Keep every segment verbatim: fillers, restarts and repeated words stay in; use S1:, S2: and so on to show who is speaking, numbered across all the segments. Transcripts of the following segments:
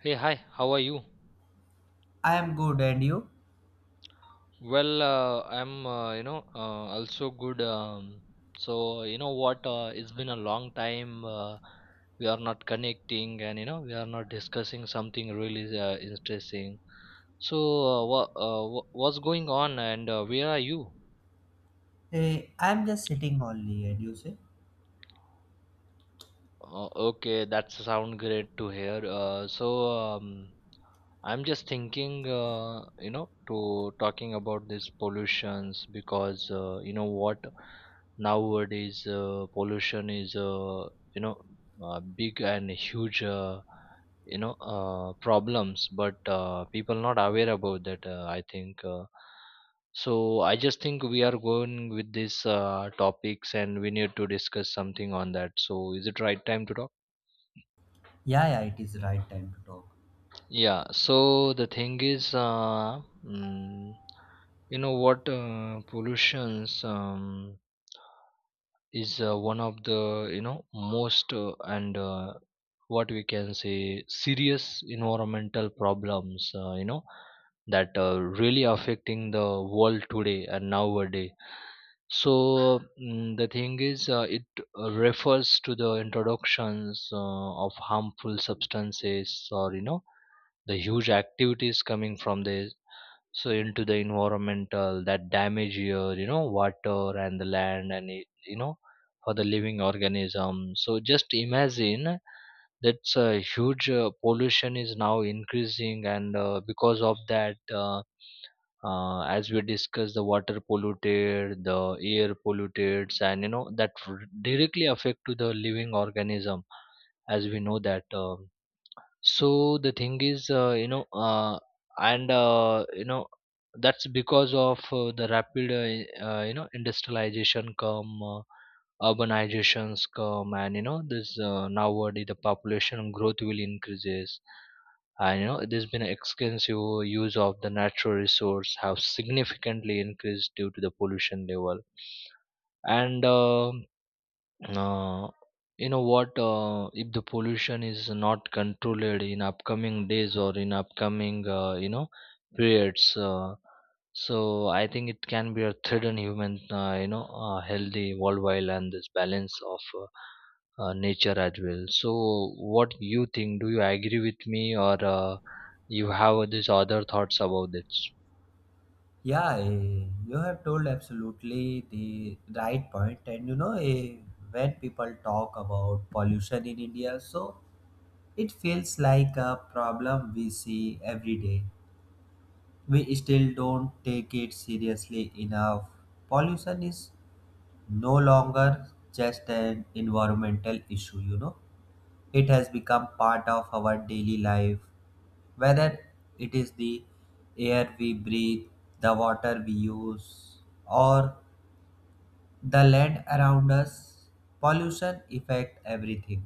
S1: Hey, hi, how are you?
S2: I am good, and you?
S1: Well, uh, I'm, uh, you know, uh, also good. Um, so, you know what? Uh, it's been a long time. Uh, we are not connecting and, you know, we are not discussing something really uh, interesting. So, uh, wha uh, wha- what's going on and uh, where are you?
S2: Hey, I am just sitting only, and you say?
S1: Oh, okay, that sound great to hear. Uh, so um, I'm just thinking, uh, you know, to talking about these pollutions because uh, you know what, nowadays uh, pollution is, uh, you know, uh, big and huge, uh, you know, uh, problems. But uh, people not aware about that. Uh, I think. Uh, so I just think we are going with these uh, topics and we need to discuss something on that. So is it right time to talk?
S2: Yeah, yeah, it is right time to talk.
S1: Yeah. So the thing is, uh, mm, you know what, uh, pollutions um, is uh, one of the, you know, most uh, and uh, what we can say serious environmental problems. Uh, you know that uh, really affecting the world today and nowadays. So mm, the thing is, uh, it uh, refers to the introductions uh, of harmful substances or, you know, the huge activities coming from this. So into the environmental that damage your, you know, water and the land and it, you know, for the living organism. So just imagine that's a huge uh, pollution is now increasing and uh, because of that. Uh, uh, as we discussed, the water polluted, the air polluted, and you know that r- directly affect to the living organism as we know that uh, so the thing is, uh, you know uh, and uh, you know that's because of uh, the rapid uh, uh, you know, industrialization come, uh, urbanizations come, and you know this, uh, nowadays the population growth will increases and you know there's been extensive use of the natural resource have significantly increased due to the pollution level. And um uh, you know what? Uh, if the pollution is not controlled in upcoming days or in upcoming, uh, you know, periods, uh, so I think it can be a threat on human, uh, you know, uh, healthy worldwide, and this balance of uh, uh, nature as well. So, what you think? Do you agree with me, or uh, you have these other thoughts about this?
S2: Yeah, eh, you have told absolutely the right point, and you know, eh, when people talk about pollution in India, so it feels like a problem we see every day. We still don't take it seriously enough. Pollution is no longer just an environmental issue, you know. It has become part of our daily life. Whether it is the air we breathe, the water we use, or the land around us, pollution affects everything.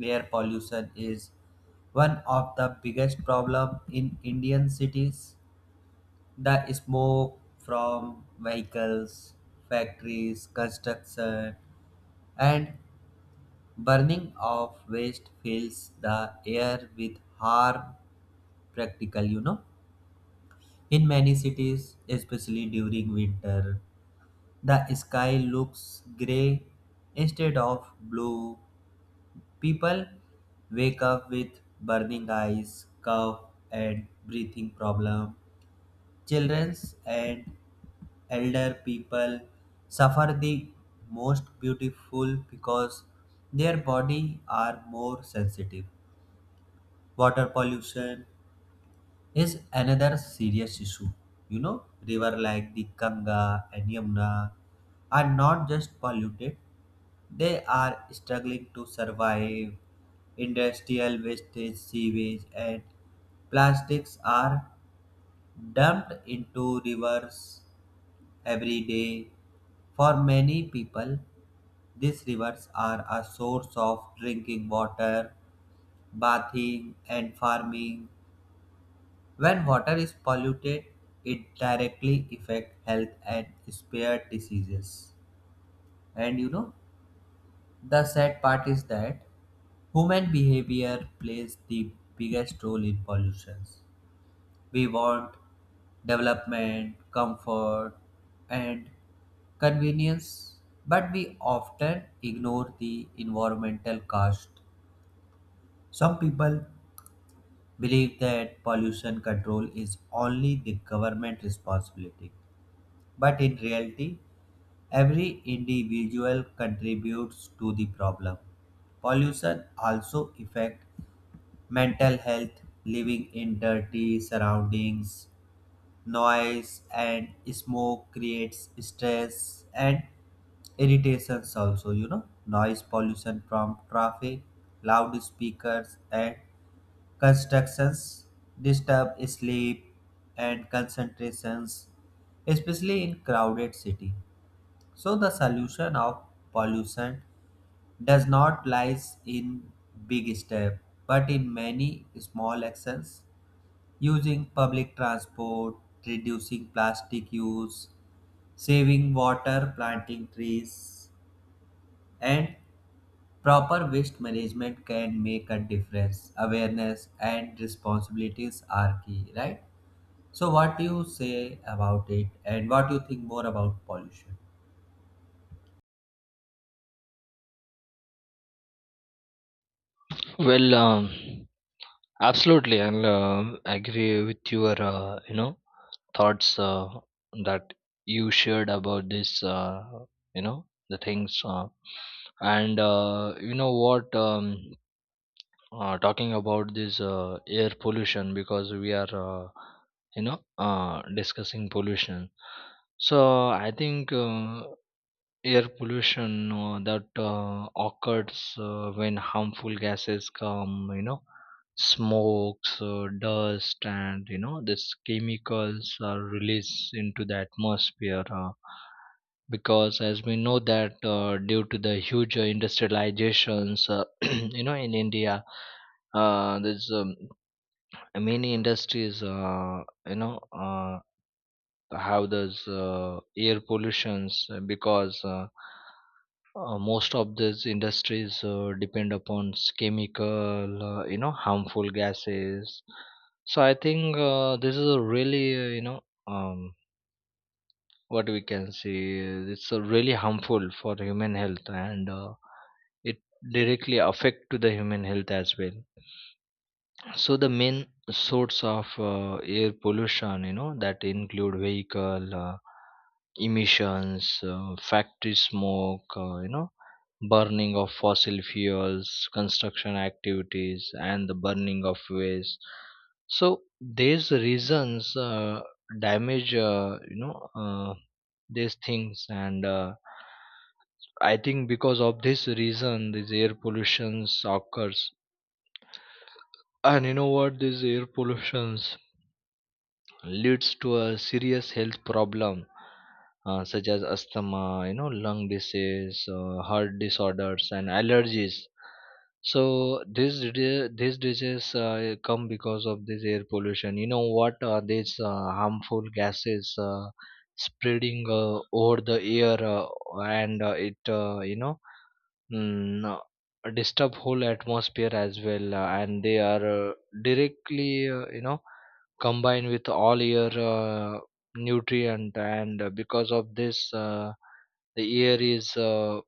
S2: Air pollution is one of the biggest problem in Indian cities. The smoke from vehicles, factories, construction, and burning of waste fills the air with harm practical, you know. In many cities, especially during winter, the sky looks gray instead of blue. People wake up with burning eyes, cough, and breathing problem. Children and elder people suffer the most beautiful because their body are more sensitive. Water pollution is another serious issue. You know, river like the Ganga and Yamuna are not just polluted; they are struggling to survive. Industrial wastage, sewage, and plastics are dumped into rivers every day. For many people, these rivers are a source of drinking water, bathing, and farming. When water is polluted, it directly affect health and spare diseases. And you know, the sad part is that human behavior plays the biggest role in pollution. We want development, comfort, and convenience, but we often ignore the environmental cost. Some people believe that pollution control is only the government responsibility, but in reality, every individual contributes to the problem. Pollution also affects mental health. Living in dirty surroundings, noise and smoke creates stress and irritations. Also, you know, noise pollution from traffic, loudspeakers, and constructions disturb sleep and concentrations, especially in crowded city. So the solution of pollution does not lies in big step, but in many small actions: using public transport, reducing plastic use, saving water, planting trees, and proper waste management can make a difference. Awareness and responsibilities are key, right? So what do you say about it, and what do you think more about pollution?
S1: Well, um, Absolutely, and um agree with your uh, you know, thoughts uh, that you shared about this. Uh, you know, the things, uh, and uh, you know what, um, uh, talking about this uh, air pollution because we are, uh, you know uh, discussing pollution. So I think. Uh, Air pollution uh, that uh, occurs uh, when harmful gases come, you know, smokes, uh, dust, and you know, these chemicals are released into the atmosphere. Uh, because as we know that uh, due to the huge uh, industrializations, uh, you know, in India, uh, there's, um, many industries, uh, you know, uh, have those uh, air pollutions uh, because. Uh, uh, most of these industries uh, depend upon s- chemical, uh, you know, harmful gases. So I think uh, this is a really uh, you know um, what we can say, uh, it's a really harmful for human health, and uh, it directly affect to the human health as well. So the main source of uh, air pollution, you know, that include vehicle uh, emissions, uh, factory smoke, uh, you know, burning of fossil fuels, construction activities, and the burning of waste. So these reasons uh, damage, uh, you know, uh, these things, and uh, I think because of this reason, these air pollutions occurs. And you know what? These air pollutions leads to a serious health problem uh, such as asthma, you know, lung disease, uh, heart disorders, and allergies. So these di- these diseases uh, come because of this air pollution. You know what are these uh, harmful gases uh, spreading uh, over the air, uh, and uh, it uh, you know mm, uh, disturb whole atmosphere as well, uh, and they are uh, directly, uh, you know, combined with all your uh, nutrient, and uh, because of this, uh, the air is, uh,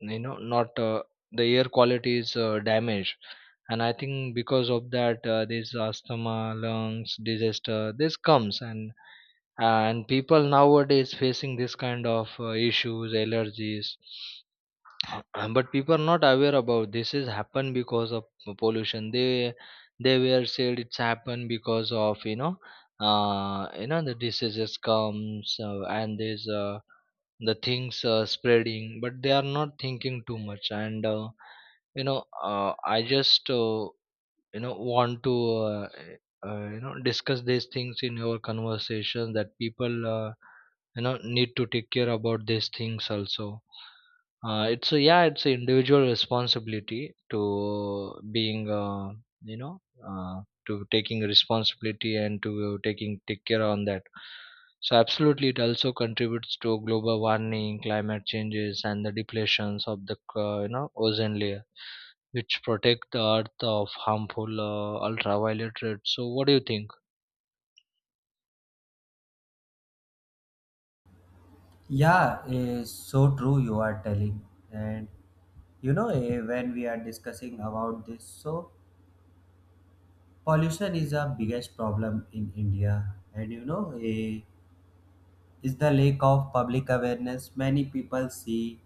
S1: you know not, uh, the air quality is uh, damaged. And I think because of that, uh, this asthma lungs disaster this comes, and uh, and people nowadays facing this kind of uh, issues, allergies. Um, but people are not aware about this is happened because of pollution. They they were said it's happened because of, you know, uh you know, the diseases comes, uh, and there's, uh, the things uh, spreading, but they are not thinking too much, and uh, you know, uh, I just uh, you know, want to uh, uh, you know, discuss these things in your conversation, that people uh, you know, need to take care about these things also. Uh, it's a, yeah, it's an individual responsibility to being uh, you know, uh, to taking responsibility and to taking take care on that. So absolutely it also contributes to global warming, climate changes, and the depletions of the uh, you know, ozone layer, which protect the earth of harmful uh, ultraviolet rays. So, what do you think?
S2: Yeah, eh, so true you are telling. And you know, eh, when we are discussing about this, so pollution is a biggest problem in India. And you know, eh, is the lack of public awareness. Many people see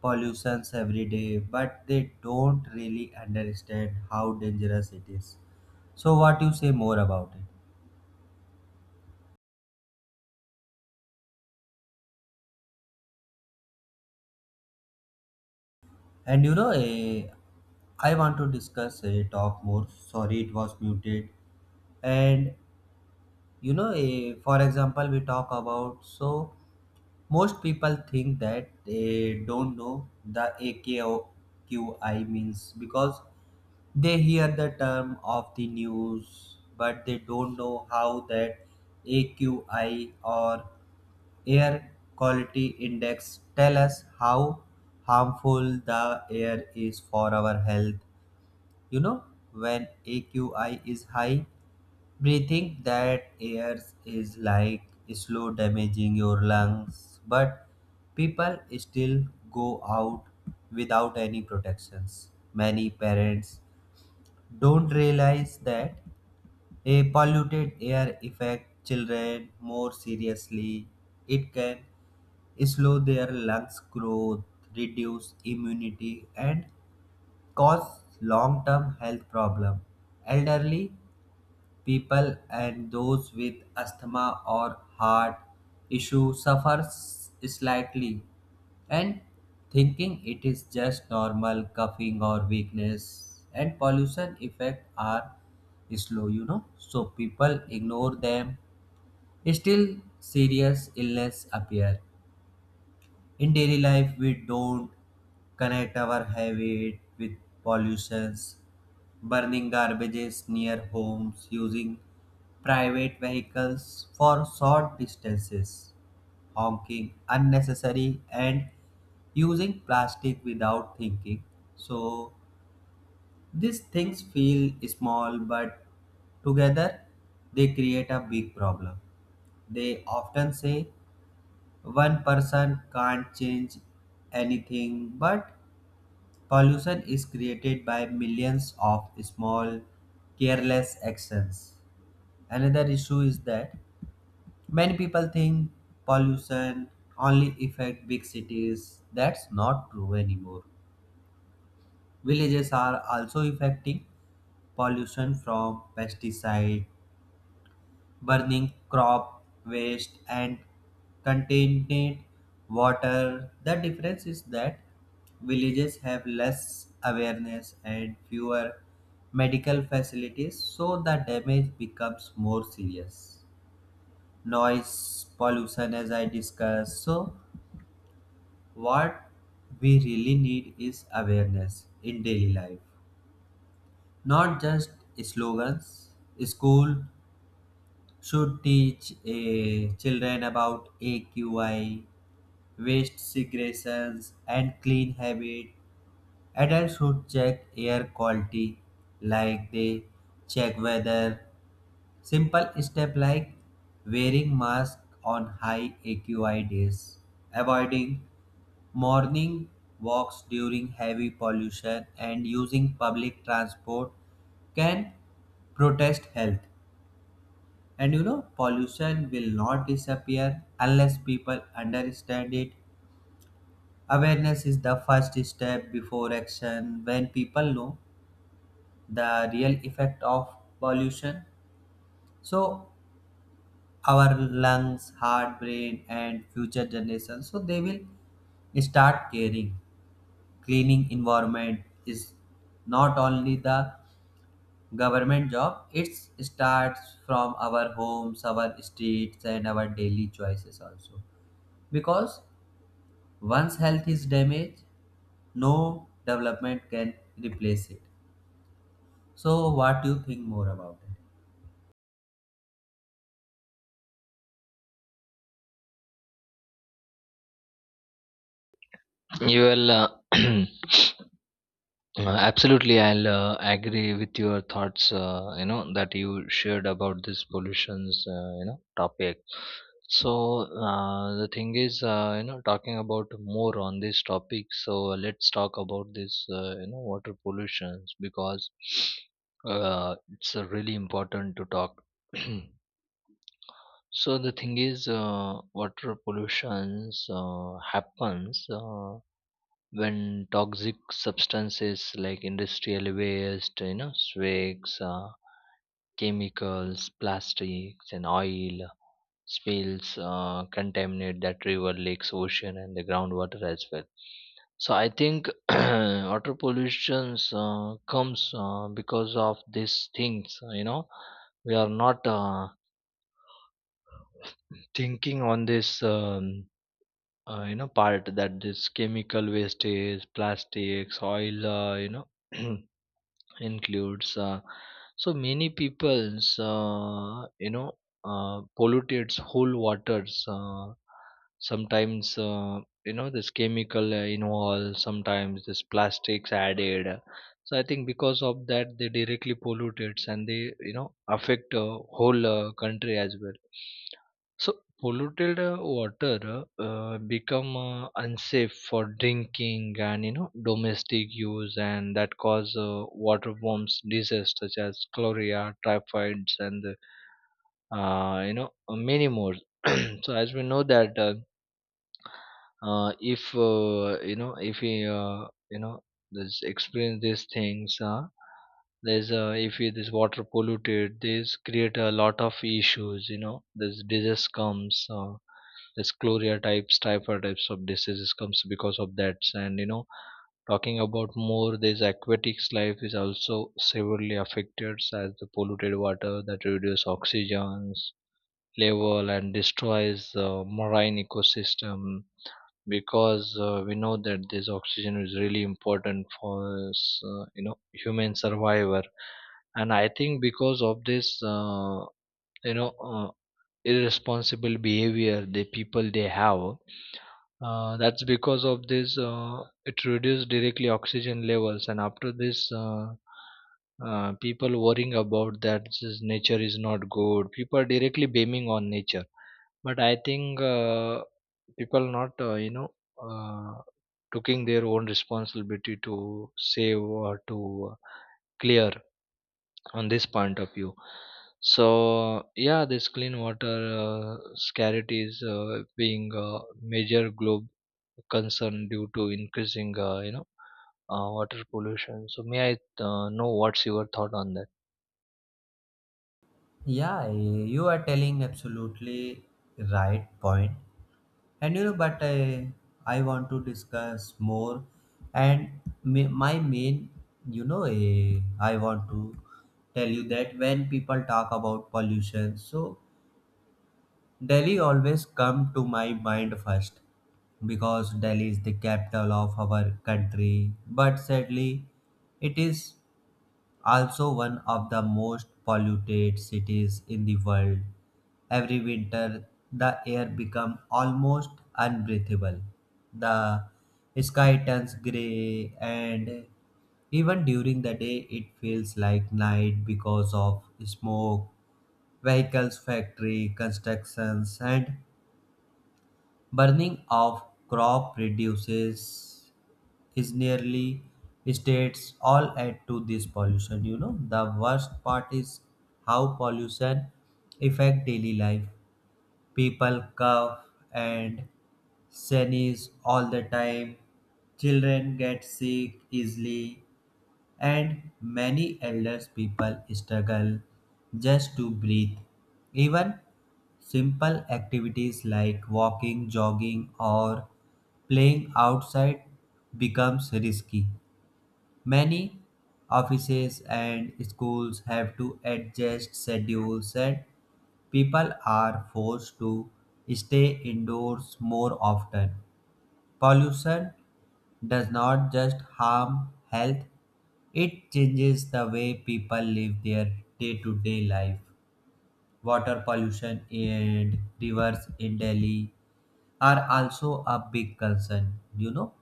S2: pollutions every day, but they don't really understand how dangerous it is. So what you say more about it? And you know, eh, I want to discuss a talk more. Sorry, it was muted. And you know eh, for example, we talk about, so most people think that they don't know the aqi means, because they hear the term of the news, but they don't know how that aqi or air quality index tell us how harmful the air is for our health. You know, when aqi is high, breathing that air is like slow damaging your lungs, but people still go out without any protections. Many parents don't realize that a polluted air affects children more seriously. It can slow their lungs growth, reduce immunity, and cause long-term health problem. Elderly people and those with asthma or heart issue suffer s- slightly, and thinking it is just normal coughing or weakness. And pollution effect are slow, you know, so people ignore them. Still serious illness appear in daily life. We don't connect our habit with pollutions: burning garbages near homes, using private vehicles for short distances, honking unnecessary, and using plastic without thinking. So these things feel small, but together they create a big problem. They often say one person can't change anything, but pollution is created by millions of small careless actions. Another issue is that many people think pollution only affect big cities. That's not true anymore. Villages are also affecting pollution from pesticide, burning crop waste, and contaminated water. The difference is that villages have less awareness and fewer medical facilities, so the damage becomes more serious. Noise pollution, as I discussed, so what we really need is awareness in daily life, not just slogans. School should teach eh, children about A Q I, waste segregations, and clean habit. Adults should check air quality, like they check weather. Simple step like wearing mask on high A Q I days, avoiding morning walks during heavy pollution, and using public transport can protest health. And you know, pollution will not disappear unless people understand it. Awareness is the first step before action. When people know the real effect of pollution, so our lungs, heart, brain, and future generations, so they will start caring. Cleaning environment is not only the government job, it starts from our homes, our streets, and our daily choices also, because once health is damaged, no development can replace it. So what do you think more about
S1: You will uh, uh, absolutely. I'll uh, agree with your thoughts. Uh, you know that you shared about this pollution's uh, you know, topic. So uh, the thing is, uh, you know, talking about more on this topic. So let's talk about this, uh, you know, water pollutions because uh, it's uh, really important to talk. So the thing is, uh, water pollution uh, happens uh, when toxic substances like industrial waste, you know, swags, uh, chemicals, plastics, and oil spills uh, contaminate that river, lakes, ocean, and the groundwater as well. So I think water pollution uh, comes uh, because of these things. You know, we are not uh, thinking on this. Um, uh, you know, part that this chemical wastage, plastics, oil, uh, you know, includes, uh, so many people's, uh, you know uh, pollutes whole waters. Uh, sometimes uh, you know, this chemical uh, involved, sometimes this plastics added. So I think because of that, they directly pollute it, and they, you know, affect uh, whole uh, country as well. So polluted uh, water uh, become uh, unsafe for drinking and, you know, domestic use, and that cause uh, waterborne diseases such as cholera, typhoids, and uh, you know, many more. So as we know that, uh, uh, if uh, you know, if we, uh, you know this experience these things, uh, there's uh, if it is water polluted, this create a lot of issues. You know, this disease comes, uh, this chloria types, typhoid types of diseases comes because of that. And you know, talking about more, this aquatics life is also severely affected, as the polluted water that reduces oxygen's level and destroys the marine ecosystem, because uh, we know that this oxygen is really important for us, uh, you know, human survivor. And I think because of this, uh, you know uh, irresponsible behavior the people they have, uh, that's because of this, uh, it reduces directly oxygen levels, and after this, uh, uh, people worrying about that this nature is not good. People are directly blaming on nature, but I think uh, people not, uh, you know, uh, taking their own responsibility to save or to uh, clear on this point of view. So yeah, this clean water uh, scarcity is uh, being a major globe concern due to increasing uh, you know uh, water pollution. So may I uh, know what's your thought on that?
S2: it? Yeah, you are telling absolutely right point. And you know, but i i want to discuss more. And me, my main, you know, eh, I want to tell you that when people talk about pollution, so Delhi always come to my mind first, because Delhi is the capital of our country, but sadly it is also one of the most polluted cities in the world. Every winter, the air becomes almost unbreathable. The sky turns gray, and even during the day, it feels like night because of smoke, vehicles, factory, constructions, and burning of crop reduces is nearly states all add to this pollution. You know, the worst part is how pollution affect daily life. People cough and sneeze all the time. Children get sick easily, and many elderly people struggle just to breathe. Even simple activities like walking, jogging, or playing outside becomes risky. Many offices and schools have to adjust schedules, and people are forced to stay indoors more often. Pollution does not just harm health, it changes the way people live their day to day life. Water pollution and rivers in Delhi are also a big concern. You know,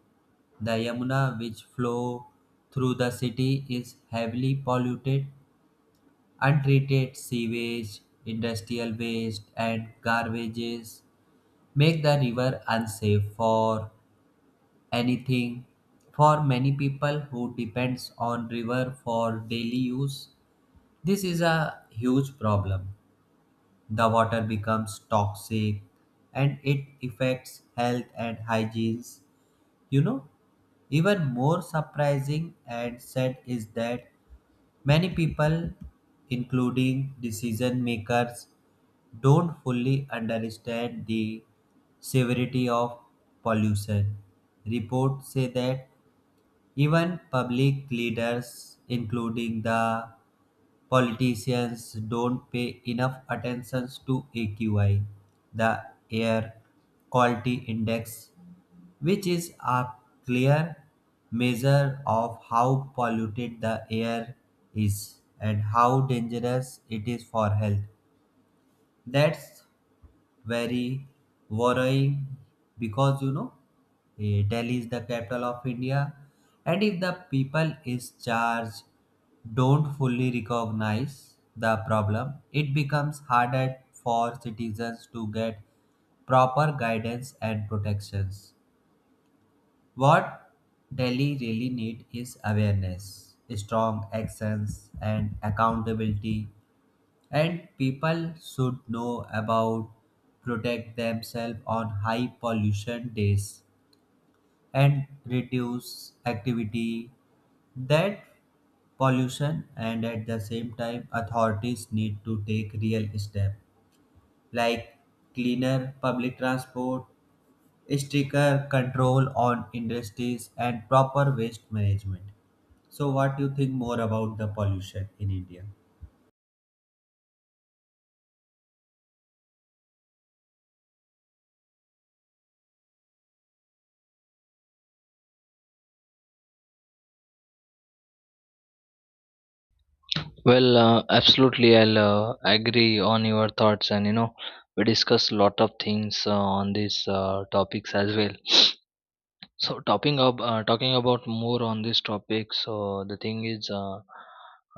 S2: the Yamuna, which flow through the city, is heavily polluted. Untreated sewage, industrial waste, and garbages make the river unsafe for anything. For many people who depends on river for daily use, this is a huge problem. The water becomes toxic, and it affects health and hygiene. You know, even more surprising and sad is that many people, including decision makers, don't fully understand the severity of pollution. Reports say that even public leaders, including the politicians, don't pay enough attention to A Q I, the Air Quality Index, which is a clear measure of how polluted the air is and how dangerous it is for health. That's very worrying, because you know, eh, Delhi is the capital of India, and if the people is charged don't fully recognize the problem, it becomes harder for citizens to get proper guidance and protections. What Delhi really need is awareness, strong actions, and accountability. And people should know about protect themselves on high pollution days and reduce activity that pollution. And at the same time, authorities need to take real steps like cleaner public transport, stricter control on industries, and proper waste management. So what do you think more about the pollution in India?
S1: Well, uh, absolutely, I'll uh, agree on your thoughts, and you know, we discussed a lot of things uh, on these uh, topics as well. So talking up, uh, talking about more on this topic, so the thing is, uh,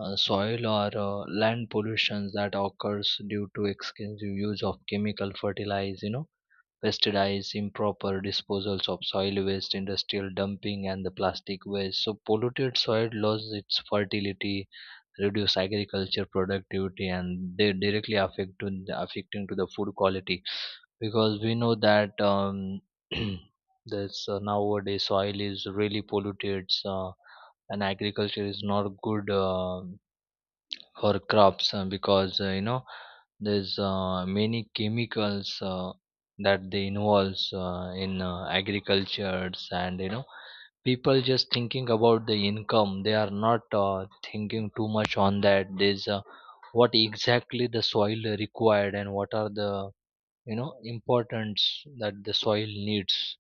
S1: uh, soil or uh, land pollution that occurs due to extensive use of chemical fertilizer, you know, pesticides, improper disposals of soil waste, industrial dumping, and the plastic waste. So polluted soil loses its fertility, reduce agriculture productivity, and they directly affect to the, affecting to the food quality, because we know that, um, that's uh, nowadays soil is really polluted. So, and agriculture is not good, uh, our crops, uh, because uh, you know, there's uh, many chemicals uh, that they involves uh, in uh, agricultures. And you know, people just thinking about the income. They are not uh, thinking too much on that. There's uh, what exactly the soil required and what are the, you know, importance that the soil needs.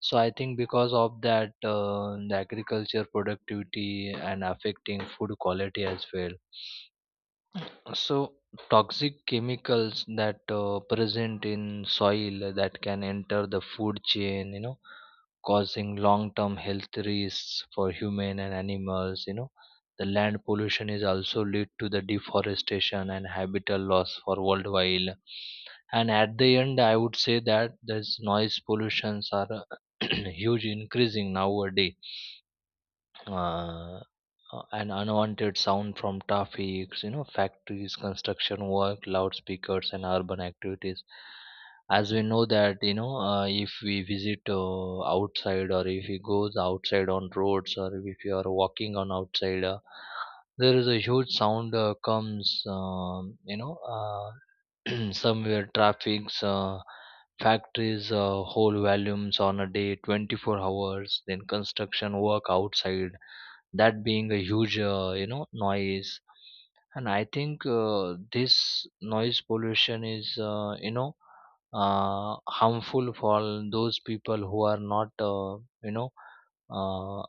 S1: So I think because of that, uh, the agriculture productivity and affecting food quality as well. So, toxic chemicals that uh, present in soil that can enter the food chain, you know, causing long-term health risks for human and animals. You know, the land pollution is also lead to the deforestation and habitat loss for worldwide. And at the end, I would say that this noise pollutions are huge increasing nowadays, uh, uh, and unwanted sound from traffic, you know, factories, construction work, loudspeakers, and urban activities. As we know that, you know, uh, if we visit uh, outside, or if we goes outside on roads, or if you are walking on outside, uh, there is a huge sound uh, comes, um, you know, uh, somewhere traffic's, uh, factories, uh, whole volumes on a day twenty-four hours, then construction work outside, that being a huge uh, you know, noise. And I think, uh, this noise pollution is, uh, you know uh, harmful for those people who are not, uh, you know uh,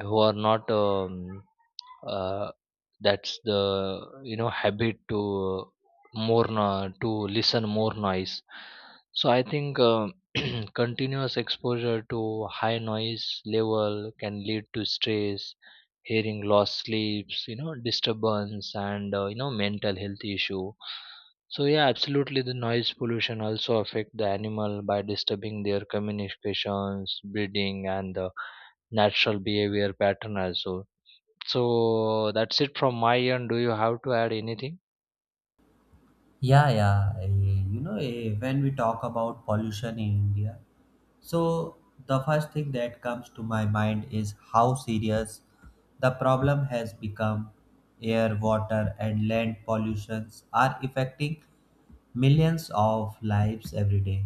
S1: who are not, um, uh, that's the, you know, habit to more no, to listen more noise. So I think uh, continuous exposure to high noise level can lead to stress, hearing loss, sleeps, you know, disturbance, and uh, you know, mental health issue. So yeah, absolutely, the noise pollution also affect the animal by disturbing their communications, breeding, and the natural behavior pattern also. So that's it from my end. Do you have to add anything?
S2: Yeah, yeah. eh, You know, eh, when we talk about pollution in India, so the first thing that comes to my mind is how serious the problem has become. Air, water, and land pollutions are affecting millions of lives every day.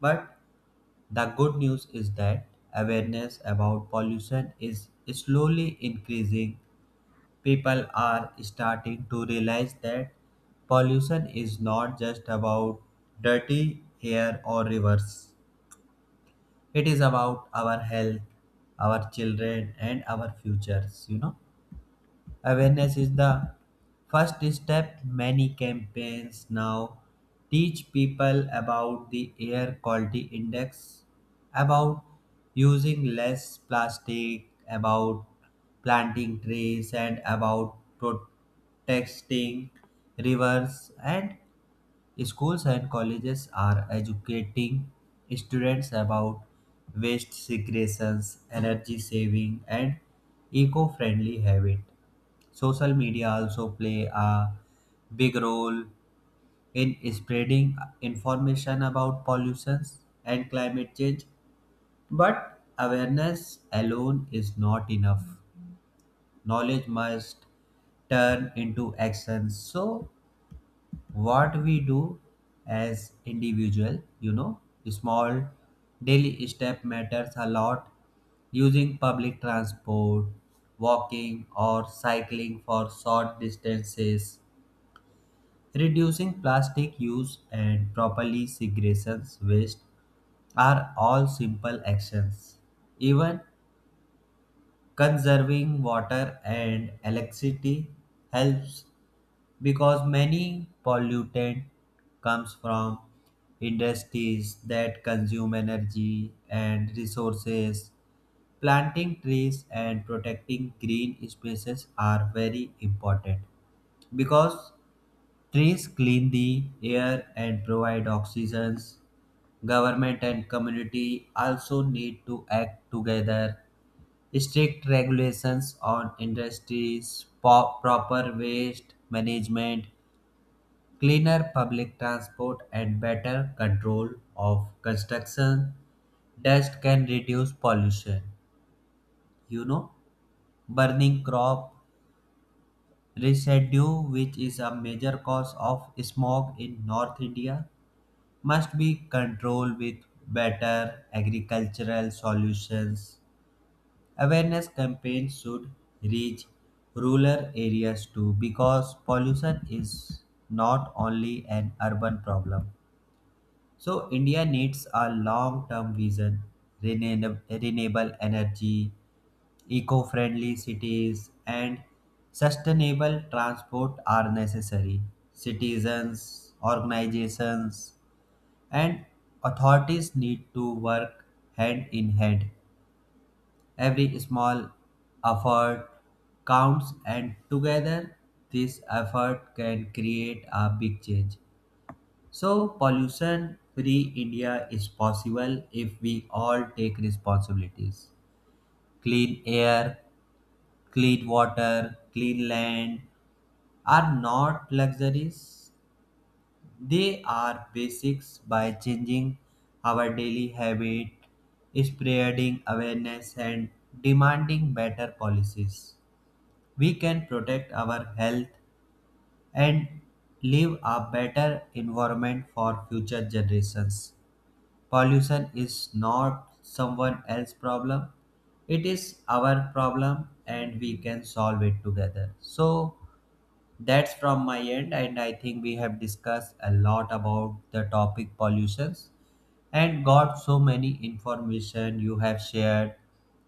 S2: But the good news is that awareness about pollution is slowly increasing. People are starting to realize that pollution is not just about dirty air or rivers, it is about our health, our children, and our futures. You know, awareness is the first step. Many campaigns now teach people about the air quality index, about using less plastic, about planting trees, and about protecting rivers. And schools and colleges are educating students about waste segregations, energy saving, and eco-friendly habit. Social media also play a big role in spreading information about pollution and climate change. But awareness alone is not enough. Knowledge must turn into actions. So what we do as individual, you know, small daily step matters a lot: using public transport, walking, or cycling for short distances. Reducing plastic use and properly segregating waste are all simple actions. Even conserving water and electricity helps, because many pollutant comes from industries that consume energy and resources. Planting trees and protecting green spaces are very important, because trees clean the air and provide oxygen. Government and community also need to act together. Strict regulations on industries, po- proper waste management, cleaner public transport, and better control of construction dust can reduce pollution. You know, burning crop residue, which is a major cause of smog in north India, must be controlled with better agricultural solutions. Awareness campaigns should reach rural areas too, because pollution is not only an urban problem. So, India needs a long term vision. Renewable renewable energy, eco friendly cities, and sustainable transport are necessary. Citizens, organizations, and authorities need to work hand in hand. Every small effort counts, and together this effort can create a big change. So, pollution free India is possible if we all take responsibilities. Clean air, clean water, clean land are not luxuries. They are basics. By changing our daily habit, spreading awareness, and demanding better policies, we can protect our health and leave a better environment for future generations. Pollution is not someone else's problem. It is our problem, and we can solve it together. So that's from my end, and I think we have discussed a lot about the topic pollutions, and got so many information you have shared.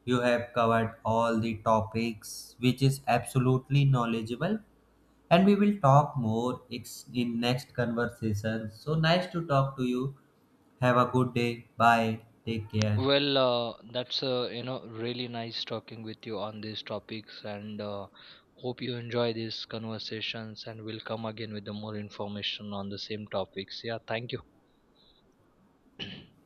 S2: You have covered all the topics, which is absolutely knowledgeable. And we will talk more ex- in next conversation. So nice to talk to you. Have a good day. Bye. Take care.
S1: Well, uh, that's, uh, you know, really nice talking with you on these topics, and uh, hope you enjoy these conversations. And we'll come again with the more information on the same topics. Yeah, thank you.